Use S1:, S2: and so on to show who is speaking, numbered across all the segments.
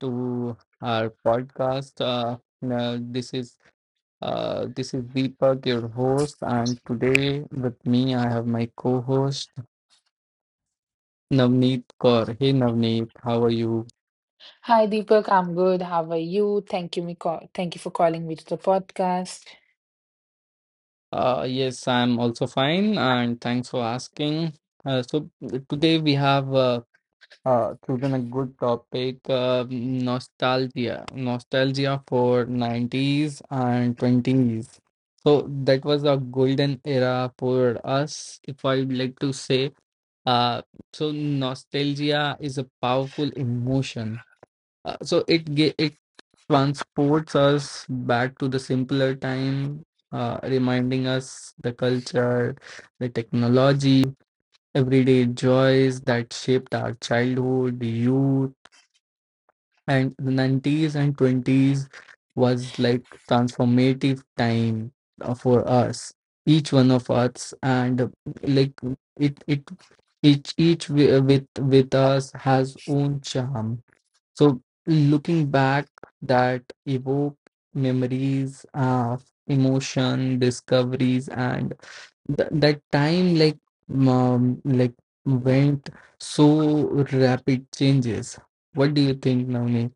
S1: to our podcast. Now this is Deepak, your host, and today with me I have my co-host Navneet Kaur. Hey Navneet, how are you?
S2: Hi Deepak, I'm good. How are you? Thank you, me call thank you for calling me to the podcast.
S1: Yes, I'm also fine, and thanks for asking. So today we have choosing a good topic, nostalgia for 90s and 20s. So that was a golden era for us, if I would like to say. Uh, so nostalgia is a powerful emotion. It transports us back to the simpler time, reminding us the culture, the technology, everyday joys that shaped our childhood, youth, and the 90s and 20s was like transformative time for us, each one of us, and like it each wi- with us has own charm. So looking back, that evoke memories of emotion, discoveries, and that time like went so rapid changes. What do you think, Navneet?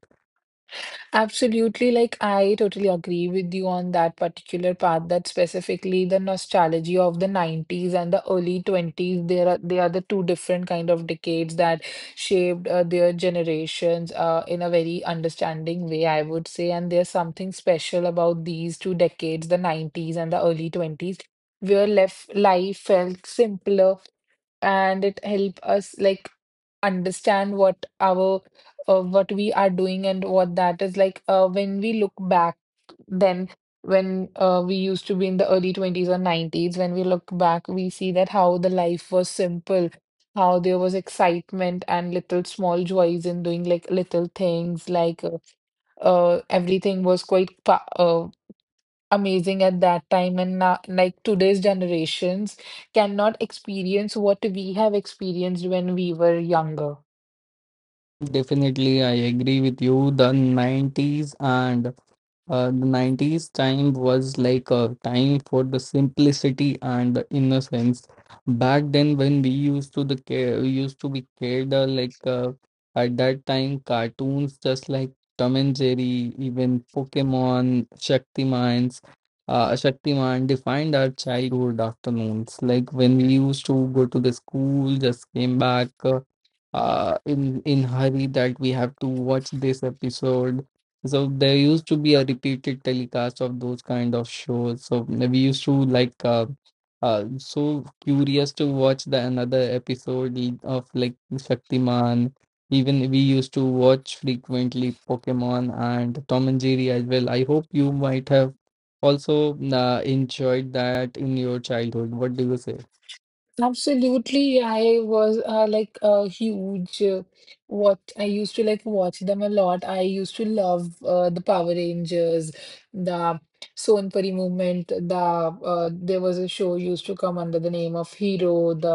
S2: Absolutely, like I totally agree with you on that particular part that specifically the nostalgia of the 90s and the early 20s, there are they are the two different kind of decades that shaped their generations in a very understanding way, I would say. And there's something special about these two decades, the 90s and the early 20s, where left life felt simpler and it help us like understand what our what we are doing and what that is like when we look back. Then when we used to be in the early 20s or 90s, when we look back we see that how the life was simple, how there was excitement and little small joys in doing like little things, like everything was quite pa amazing at that time. And now, like, today's generations cannot experience what we have experienced when we were younger.
S1: Definitely, I agree with you. The 90s time was like a time for the simplicity and the innocence. Back then, when we used to the care, we used to be cared at that time, cartoons just like Tom and Jerry, even Pokemon, Shaktimans, Shaktiman defined our childhood afternoons. Like when we used to go to the school, just came back. In hurry that we have to watch this episode, so there used to be a repeated telecast of those kind of shows. So we used to like so curious to watch the another episode of like Shaktiman. Even we used to watch frequently Pokemon and Tom and Jerry as well. I hope you might have also enjoyed that in your childhood. What do you say?
S2: Absolutely, I was a huge what I used to like watch them a lot. I used to love the Power Rangers, the Sonpuri movement. There was a show used to come under the name of Hero, the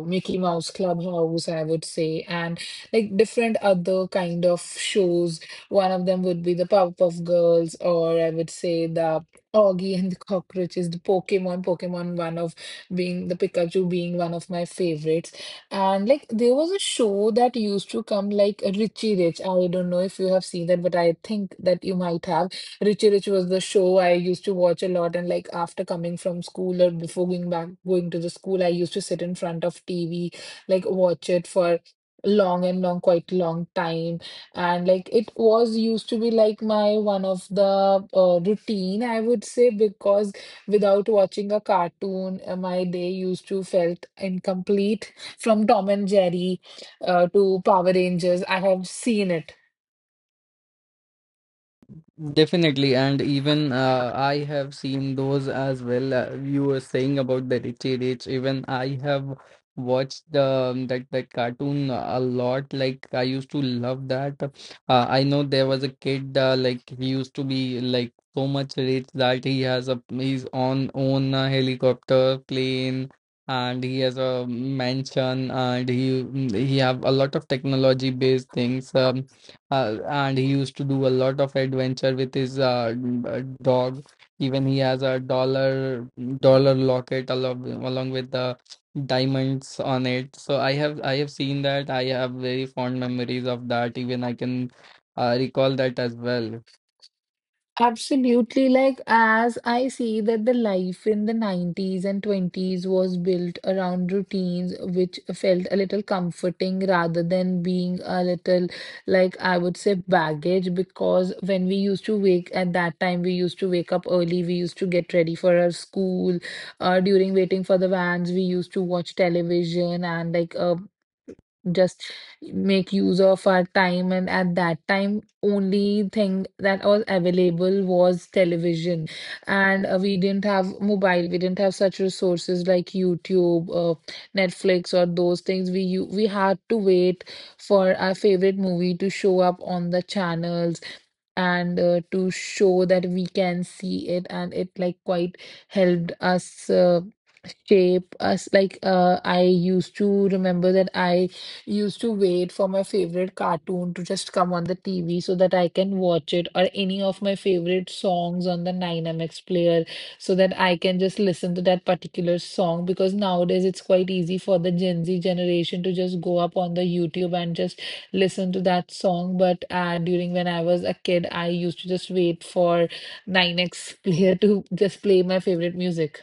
S2: Mickey Mouse Clubhouse, I would say, and like different other kind of shows. One of them would be the Powerpuff Girls, or I would say the Augie and the Cockroaches, the Pokemon, one of being the Pikachu being one of my favorites. And like there was a show that used to come like Richie Rich. I don't know if you have seen that, but I think that you might have. Richie Rich was the show I used to watch a lot. And like after coming from school or before going to the school, I used to sit in front of TV, like watch it for quite long time, and like it was used to be like my one of the routine, I would say, because without watching a cartoon, my day used to felt incomplete. From Tom and Jerry to Power Rangers, I have seen it.
S1: Definitely, and even I have seen those as well. You were saying about the Richie Rich. Even I have watched that cartoon a lot. Like I used to love that. I know there was a kid he used to be like so much rich that he has a he's on own helicopter, plane, and he has a mansion, and he have a lot of technology based things. And he used to do a lot of adventure with his dog. Even he has a dollar locket along with the diamonds on it. So I have seen that. I have very fond memories of that. Even I can recall that as well.
S2: Absolutely. Like, as I see that the life in the 90s and 20s was built around routines, which felt a little comforting rather than being a little, like, I would say, baggage. Because when we used to wake at that time, we used to wake up early, we used to get ready for our school. During waiting for the vans, we used to watch television and, like, just make use of our time. And at that time, only thing that was available was television, and we didn't have mobile, we didn't have such resources like YouTube, Netflix, or those things. We we had to wait for our favorite movie to show up on the channels and to show that we can see it, and it like quite helped us shape us, like I used to remember that I used to wait for my favorite cartoon to just come on the TV so that I can watch it, or any of my favorite songs on the 9MX player so that I can just listen to that particular song. Because nowadays it's quite easy for the Gen Z generation to just go up on the YouTube and just listen to that song. But during when I was a kid, I used to just wait for 9X player to just play my favorite music.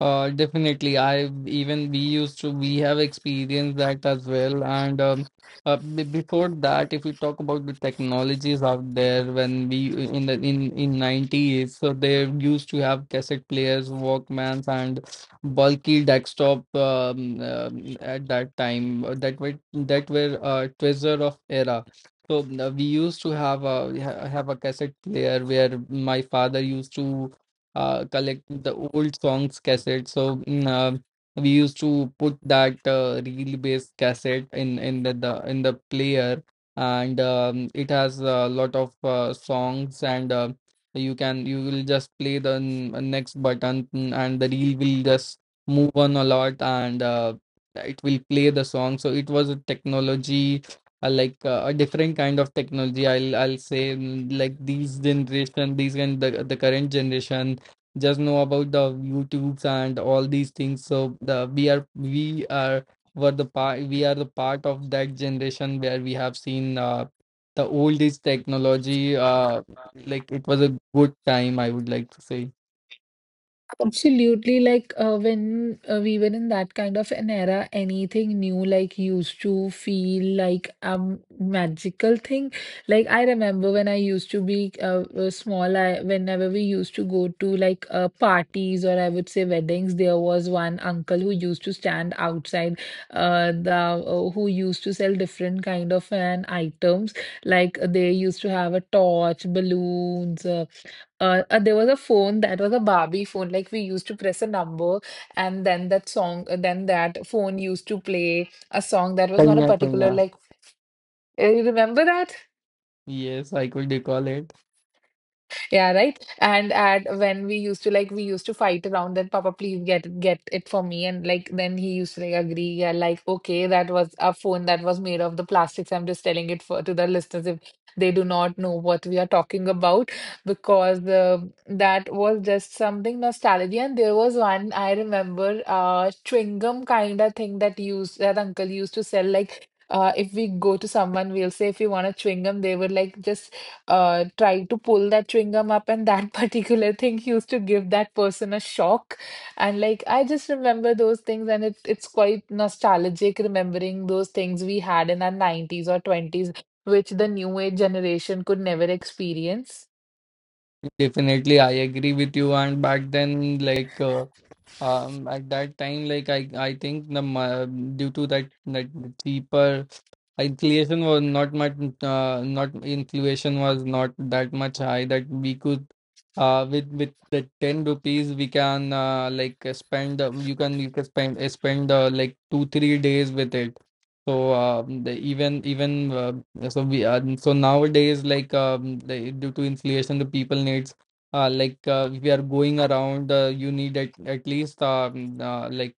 S1: Definitely. I even we used to We have experienced that as well. And b before that, if we talk about the technologies out there, when we in 90s, so they used to have cassette players, Walkmans, and bulky desktop at that time that were treasure of era. So we used to have a cassette player where my father used to collect the old songs cassette. So we used to put that reel-based cassette in the player, and it has a lot of songs, and you will just play the next button, and the reel will just move on a lot, and it will play the song. So it was a technology. A different kind of technology, I'll say like these generation, these and the current generation just know about the YouTubes and all these things. So the we are were the part we are the part of that generation where we have seen the oldest technology. It was a good time, I would like to say.
S2: Absolutely. Like when we were in that kind of an era, anything new like used to feel like a magical thing. Like I remember when I used to be small, I whenever we used to go to like parties, or I would say weddings, there was one uncle who used to stand outside the who used to sell different kind of an items. Like they used to have a torch, balloons. There was a phone that was a Barbie phone. Like we used to press a number, and then that song, then that phone used to play a song that was not a
S1: Kainya, kainya.
S2: particular like. You remember that?
S1: Yes, I could recall it.
S2: Yeah, right. And at when we used to like, we used to fight around that, Papa, please get it for me. And like then he used to like agree. Yeah, like okay, that was a phone that was made of the plastics. I'm just telling it for to the listeners if they do not know what we are talking about, because that was just something nostalgia. And there was one I remember chewing gum kind of thing that used that uncle used to sell, like if we go to someone, we'll say if you want a chewing gum, they would like just tried to pull that chewing gum up, and that particular thing used to give that person a shock. And like, I just remember those things, and it's quite nostalgic remembering those things we had in our 90s or 20s, which the new age generation could never experience.
S1: Definitely, I agree with you. And back then, at that time, I think due to that, that cheaper inflation was not much. Not Inflation was not that much high that we could, with the 10 rupees we can spend. You can spend like 2 3 days with it. So the, even even so we are so nowadays due to inflation the people needs we are going around, you need at least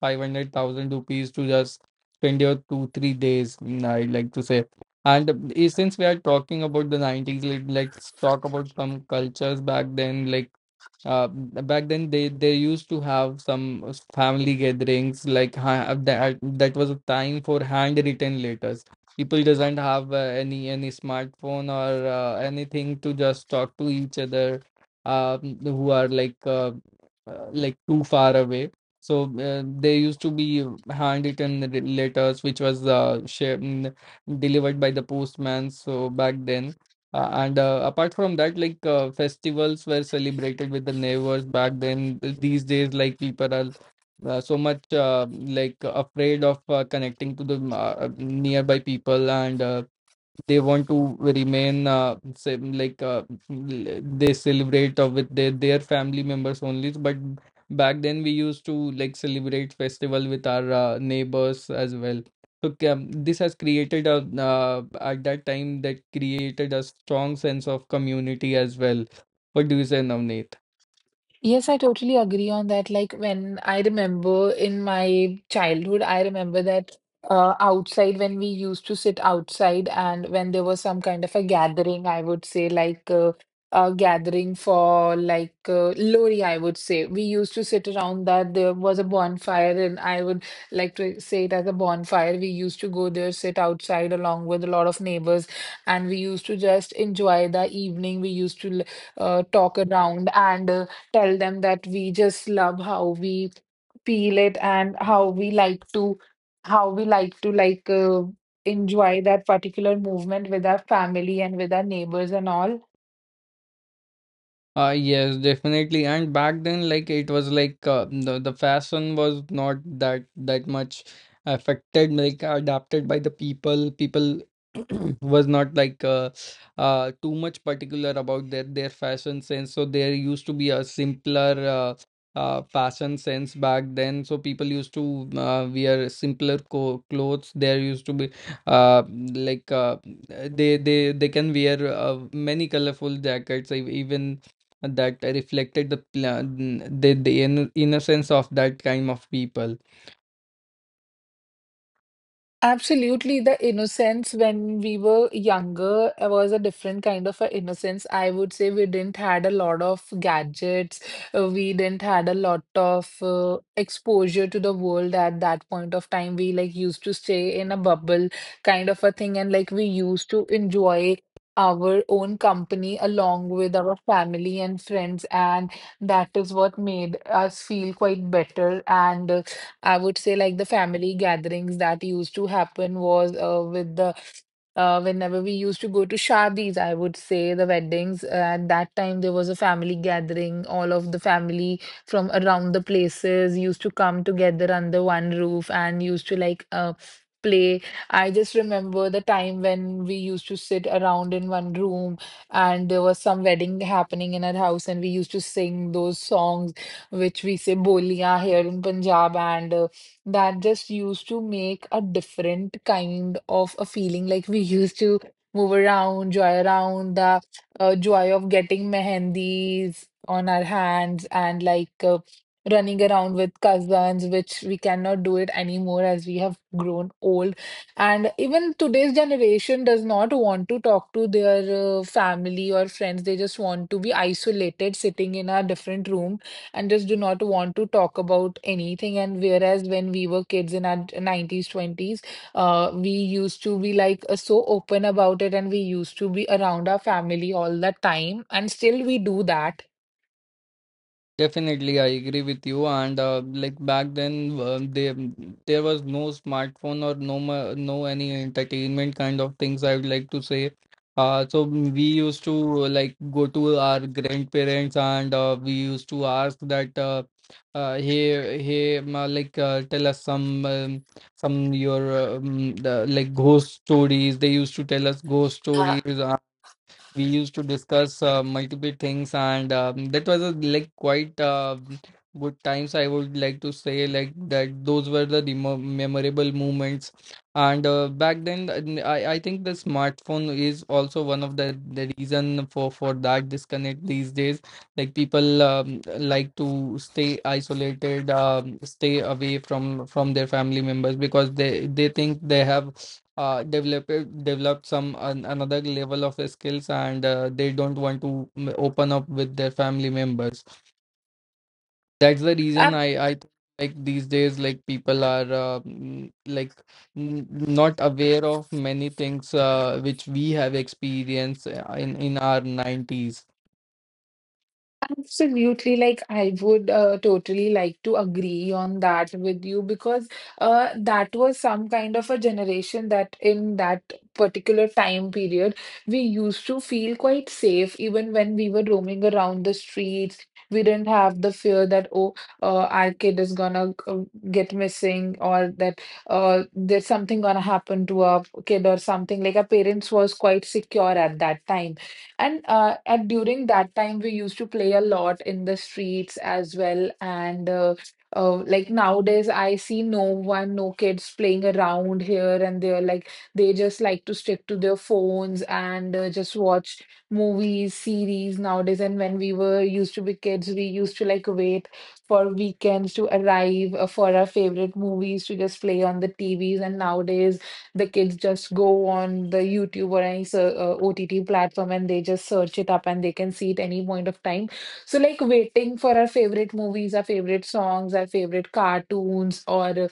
S1: 500,000 rupees to just spend your 2 3 days, I like to say. And since we are talking about the 90s, like, let's talk about some cultures back then. Back then they used to have some family gatherings like that was a time for handwritten letters. People doesn't have any smartphone or anything to just talk to each other, who are like too far away. So there used to be handwritten letters which was shared, delivered by the postman. So back then, and apart from that, festivals were celebrated with the neighbors back then. These days, like people are so much afraid of connecting to the nearby people, and they want to remain they celebrate with their family members only, but back then we used to like celebrate festival with our neighbors as well. So this has created a at that time that created a strong sense of community as well. What do you say, Navneet?
S2: Yes, I totally agree on that. Like when I remember in my childhood, I remember that outside, when we used to sit outside and when there was some kind of a gathering, I would say like a gathering for like Lori, I would say. We used to sit around that. There was a bonfire, and I would like to say it as a bonfire. We used to go there, sit outside along with a lot of neighbors, and we used to just enjoy the evening. We used to talk around and tell them that we just love how we peel it and how we like to like enjoy that particular movement with our family and with our neighbors and all.
S1: Yes, definitely. And back then, like it was the fashion was not that much affected, like adapted by the people. People was not like too much particular about their fashion sense. So there used to be a simpler fashion sense back then. So people used to wear simpler co clothes. There used to be uh like uh, they they can wear many colorful jackets, even that reflected the innocence of that kind of people.
S2: Absolutely, the innocence when we were younger was a different kind of a innocence. I would say we didn't had a lot of gadgets. We didn't had a lot of exposure to the world at that point of time. We like used to stay in a bubble kind of a thing, and like we used to enjoy our own company along with our family and friends, and that is what made us feel quite better. And I would say like the family gatherings that used to happen was with the whenever we used to go to shadis, I would say the weddings. At that time, there was a family gathering. All of the family from around the places used to come together under one roof and used to like play. I just remember the time when we used to sit around in one room and there was some wedding happening in our house, and we used to sing those songs which we say bolia here in Punjab, and that just used to make a different kind of a feeling. Like we used to move around, joy around, the joy of getting mehendis on our hands and like running around with cousins, which we cannot do it anymore as we have grown old. And even today's generation does not want to talk to their family or friends. They just want to be isolated, sitting in a different room, and just do not want to talk about anything. And whereas when we were kids in our 90s, 20s, we used to be like so open about it, and we used to be around our family all the time. And still we do that.
S1: Definitely, I agree with you. And back then, there was no smartphone or no any entertainment kind of things, I would like to say. So we used to like go to our grandparents and we used to ask that, hey, ma, like tell us some your the, like ghost stories. They used to tell us ghost
S2: Yeah.
S1: stories. We used to discuss multiple things, and that was a, like quite good times, I would like to say. Like that those were the remo memorable moments, and back then, I think the smartphone is also one of the reason for that disconnect these days. Like people like to stay isolated, stay away from their family members because they think they have develop develop some an, another level of skills, and they don't want to open up with their family members. That's the reason I think, like these days, like people are not aware of many things which we have experienced in our 90s.
S2: Absolutely, like I would totally like to agree on that with you, because that was some kind of a generation that in that particular time period we used to feel quite safe even when we were roaming around the streets. We didn't have the fear that oh, our kid is gonna get missing, or that there's something gonna happen to our kid or something. Like our parents was quite secure at that time. And at during that time, we used to play a lot in the streets as well. And like nowadays, I see no one, no kids playing around here and there. Like they just like to stick to their phones and just watch movies, series nowadays. And when we were used to be kids, we used to like wait for weekends to arrive for our favorite movies to just play on the TVs. And nowadays, the kids just go on the YouTube or any OTT platform, and they just search it up and they can see it any point of time. So like waiting for our favorite movies, our favorite songs, our favorite cartoons, or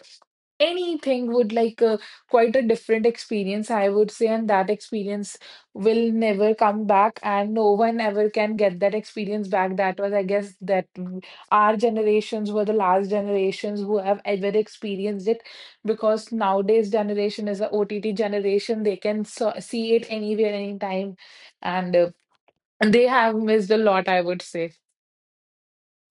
S2: anything would like quite a different experience, I would say. And that experience will never come back, and no one ever can get that experience back. That was, I guess, that our generations were the last generations who have ever experienced it, because nowadays generation is a OTT generation. They can see it anywhere, anytime, and they have missed a lot, I would say.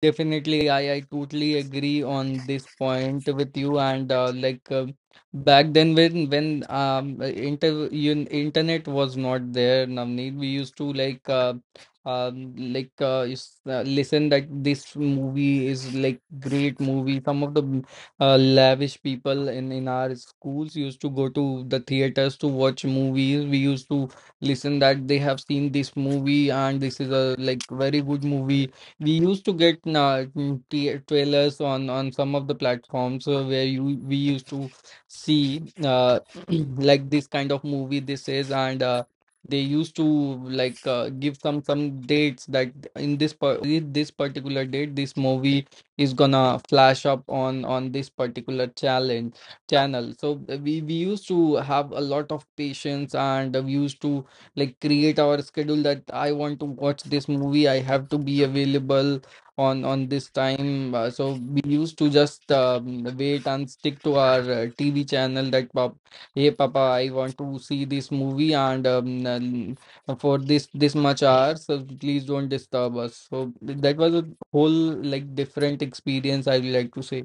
S1: Definitely, I totally agree on this point with you. And back then, when inter un- internet was not there, Navneet, we used to listen that this movie is like great movie. Some of the lavish people in our schools used to go to the theaters to watch movies. We used to listen that they have seen this movie and this is a like very good movie. We used to get trailers on some of the platforms where you we used to see like this kind of movie this is, and they used to like give some dates that in this on this particular date this movie is gonna flash up on this particular challenge channel. So we used to have a lot of patience, and we used to like create our schedule that I want to watch this movie. I have to be available on this time. So we used to just wait and stick to our TV channel. That pop, hey Papa, I want to see this movie and for this much hours. So please don't disturb us. So that was a whole like different experience, I would like to say.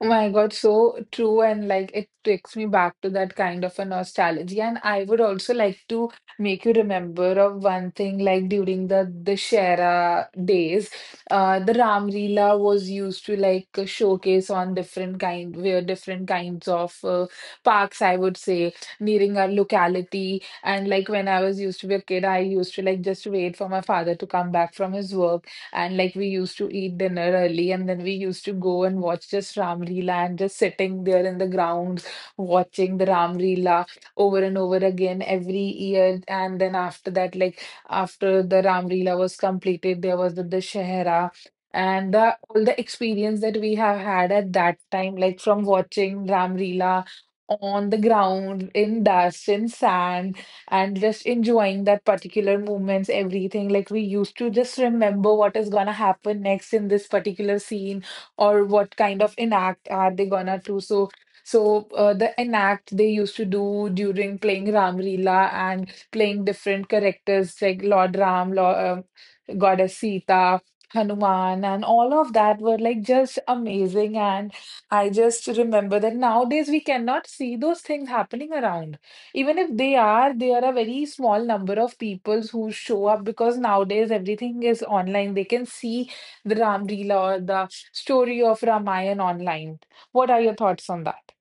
S2: Oh my God, so true. And like it takes me back to that kind of a nostalgia. And I would also like to make you remember of one thing. Like during the Dussehra days, the Ram Leela was used to like showcase on different kind, where different kinds of parks, I would say, nearing our locality. And like when I was used to be a kid, I used to like just wait for my father to come back from his work, and like we used to eat dinner early, and then we used to go and watch just Ram Leela and just sitting there in the grounds watching the Ram Leela over and over again every year. And then after that, like after the Ram Leela was completed, there was the Dashehra. And all the experience that we have had at that time, like from watching Ram Leela on the ground, in dust, in sand, and just enjoying that particular moments, everything. Like we used to just remember what is gonna happen next in this particular scene, or what kind of enact are they gonna do. So the enact they used to do during playing Ramrila and playing different characters like Lord Ram, Lord, Goddess Sita, Hanuman, and all of that were like just amazing. And I just remember that nowadays we cannot see those things happening around, even if they are a very small number of people who show up, because nowadays everything is online. They can see the Ram Leela or the story of Ramayan online. What are your thoughts on that?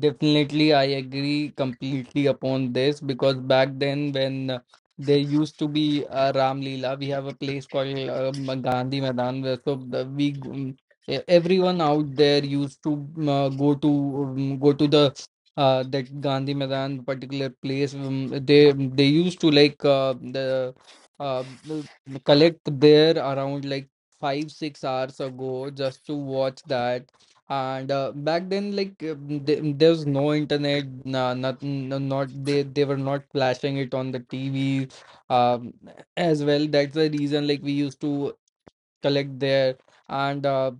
S1: Definitely, I agree completely upon this because back then, when there used to be a Ram Leela. We have a place called Gandhi Maidan, where, everyone out there used to go to the that Gandhi Maidan particular place. They used to like uh, the- collect there around like 5-6 hours ago just to watch that. And back then, like, th there's no internet, nah, not, no, not they were not flashing it on the TV, um, as well. That's the reason like we used to collect there. And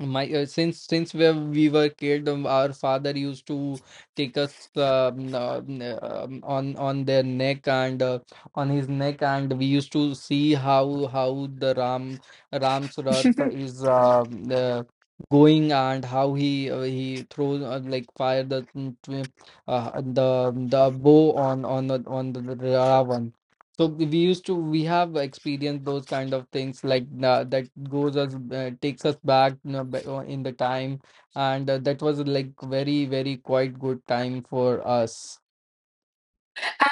S1: my since we were kid, our father used to take us on their neck, and on his neck, and we used to see how the ram's rath is going, and how he throws like fire, the the bow on on the ravan. So we used to we have experienced those kind of things, like, that goes us takes us back, in the time. And that was like very very quite good time for us.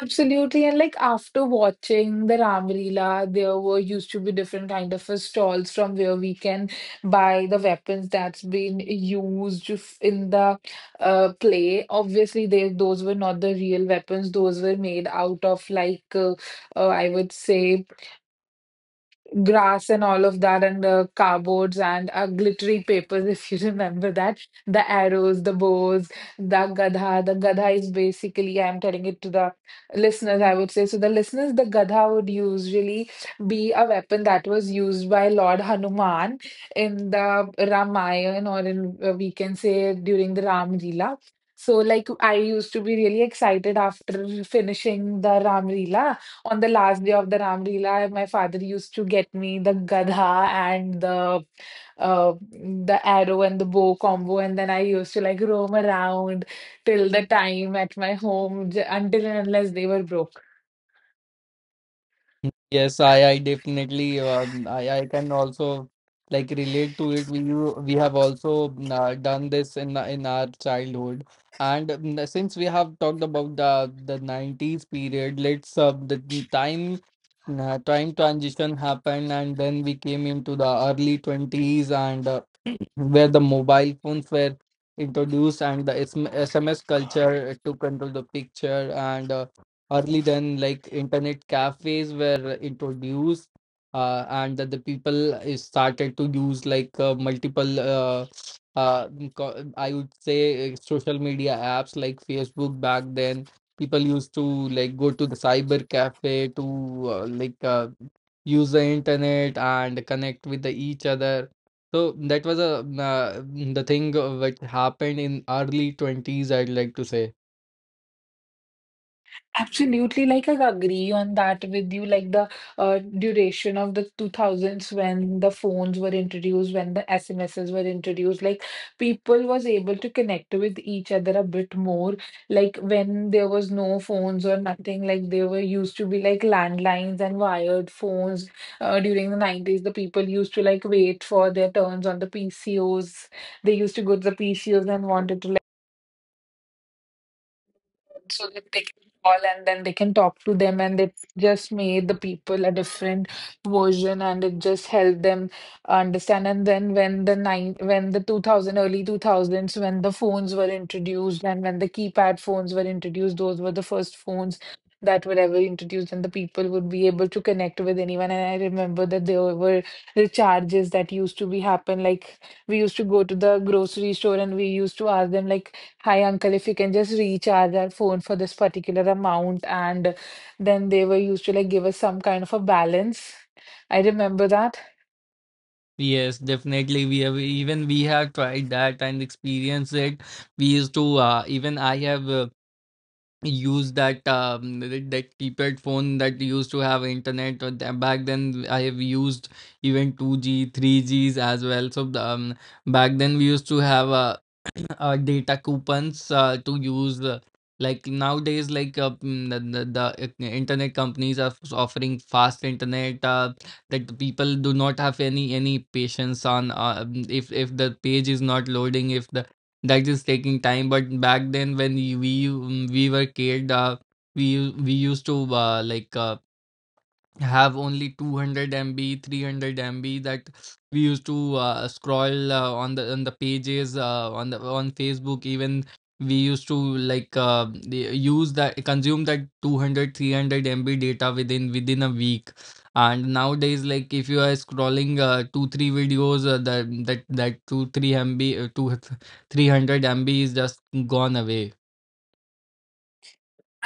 S2: Absolutely. And like after watching the Ramlila, there were used to be different kind of stalls from where we can buy the weapons that's been used in the play. Obviously, they those were not the real weapons; those were made out of like I would say grass and all of that, and the cardboards, and glittery papers. If you remember that, the arrows, the bows, the gadha. The gadha is basically, I'm telling it to the listeners, I would say. So the listeners, the gadha would usually be a weapon that was used by Lord Hanuman in the Ramayana, or in we can say during the Ram Leela. So like I used to be really excited. After finishing the Ram Leela, on the last day of the Ram Leela, my father used to get me the gadha and the arrow and the bow combo, and then I used to like roam around till the time at my home until and unless they were broken.
S1: Yes, I definitely, I can also like relate to it. We have also done this in in our childhood. And since we have talked about the nineties period, let's the time time transition happened, and then we came into the early 20s. And where the mobile phones were introduced, and the SM SMS culture took control the picture. And early then, like, internet cafes were introduced, and that the people is started to use, like, multiple I would say social media apps like Facebook. Back then, people used to like go to the cyber cafe to like use the internet and connect with the each other. So that was the thing which happened in early 20s, I'd like to say.
S2: Absolutely, like I agree on that with you. Like the duration of the 2000s, when the phones were introduced, when the SMSs were introduced, like people was able to connect with each other a bit more. Like when there was no phones or nothing, like they were used to be like landlines and wired phones. During the 90s, the people used to like wait for their turns on the PCOs. They used to go to the PCOs and wanted to, so that they can call, and then they can talk to them. And it just made the people a different version, and it just helped them understand. And then when the 2000, early 2000s, when the phones were introduced, and when the keypad phones were introduced, those were the first phones that were ever introduced, and the people would be able to connect with anyone. And I remember that there were recharges that used to be happen. Like we used to go to the grocery store, and we used to ask them like, "Hi, uncle, if you can just recharge our phone for this particular amount." And then they were used to like give us some kind of a balance. I remember that.
S1: Yes, definitely. We have tried that and experienced it. We used to even I have use that that keypad phone that used to have internet. Or, back then, I have used even 2G 3Gs as well. So back then we used to have a data coupons to use, like nowadays, like, mm, the internet companies are offering fast internet, that the people do not have any patience on. If the page is not loading, if the that is taking time. But back then, when we were kid, we used to like have only 200 MB, 300 MB that we used to scroll on the pages, on the on Facebook. Even we used to like use that consume that 200, 300 MB data within a week. And nowadays, like, if you are scrolling 2 3 videos, that 2 3 MB, 2 300 MB is just gone away.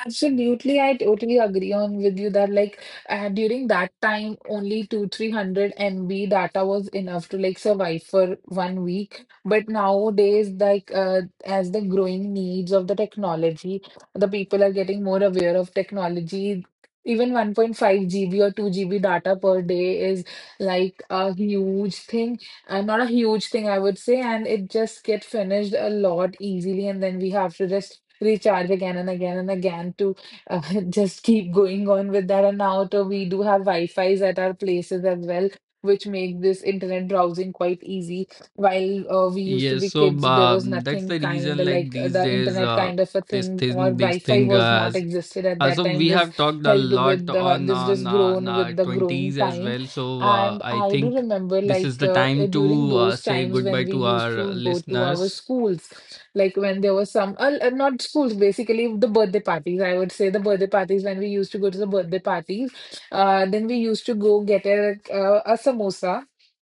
S2: Absolutely, I totally agree on with you that like during that time, only two three hundred MB data was enough to like survive for one week. But nowadays, like as the growing needs of the technology, the people are getting more aware of technology. Even 1.5 GB or 2 GB data per day is like a huge thing. Not a huge thing, I would say, and it just get finished a lot easily, and then we have to just recharge again and again and again to uh, just keep going on with that. And now to, we do have Wi-Fi's at our places as well, which make this internet browsing quite easy. While we used to
S1: Yes,
S2: be
S1: so,
S2: kids, there was
S1: that's
S2: nothing
S1: the
S2: kind
S1: reason.
S2: of
S1: Like
S2: like
S1: these
S2: the
S1: days,
S2: internet kind of a thing, or
S1: this
S2: Wi-Fi
S1: thing,
S2: was not
S1: as
S2: existed at that
S1: so
S2: time.
S1: we
S2: This
S1: have talked a
S2: helped
S1: lot
S2: with
S1: on
S2: this just grown
S1: our
S2: with the growing
S1: twenties as
S2: time.
S1: well. So
S2: And
S1: I
S2: I do
S1: think
S2: remember
S1: this is
S2: like
S1: the time
S2: during
S1: to
S2: those
S1: say
S2: times when
S1: goodbye
S2: we
S1: to
S2: used
S1: our
S2: to go to
S1: listeners.
S2: our schools. Like when there was some not schools basically, the birthday parties, I would say. The birthday parties, when we used to go to the birthday parties, then we used to go get a samosa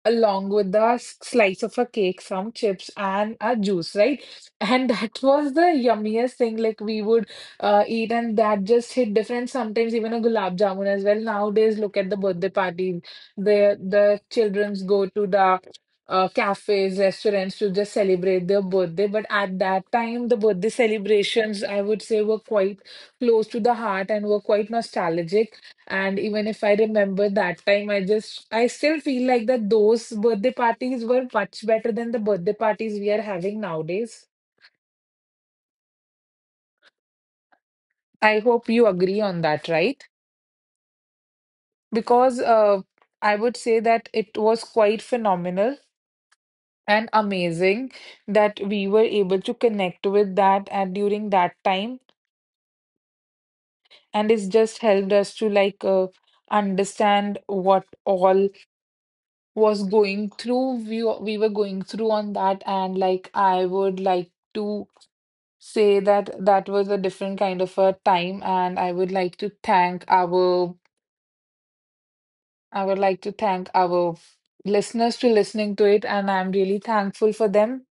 S2: along with the slice of a cake, some chips and a juice, right? And that was the yummiest thing like we would eat, and that just hit different. Sometimes even a gulab jamun as well. Nowadays, look at the birthday parties. The children's go to the cafes, restaurants to just celebrate their birthday. But at that time, the birthday celebrations, I would say, were quite close to the heart and were quite nostalgic. And even if I remember that time, I still feel like that those birthday parties were much better than the birthday parties we are having nowadays. I hope you agree on that, right? Because I would say that it was quite phenomenal and amazing that we were able to connect with that and during that time, and it's just helped us to like understand what all was going through, we were going through on that. And like I would like to say that that was a different kind of a time. And I would like to thank our listeners to listening to it, and I'm really thankful for them.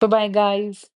S2: Bye bye, guys.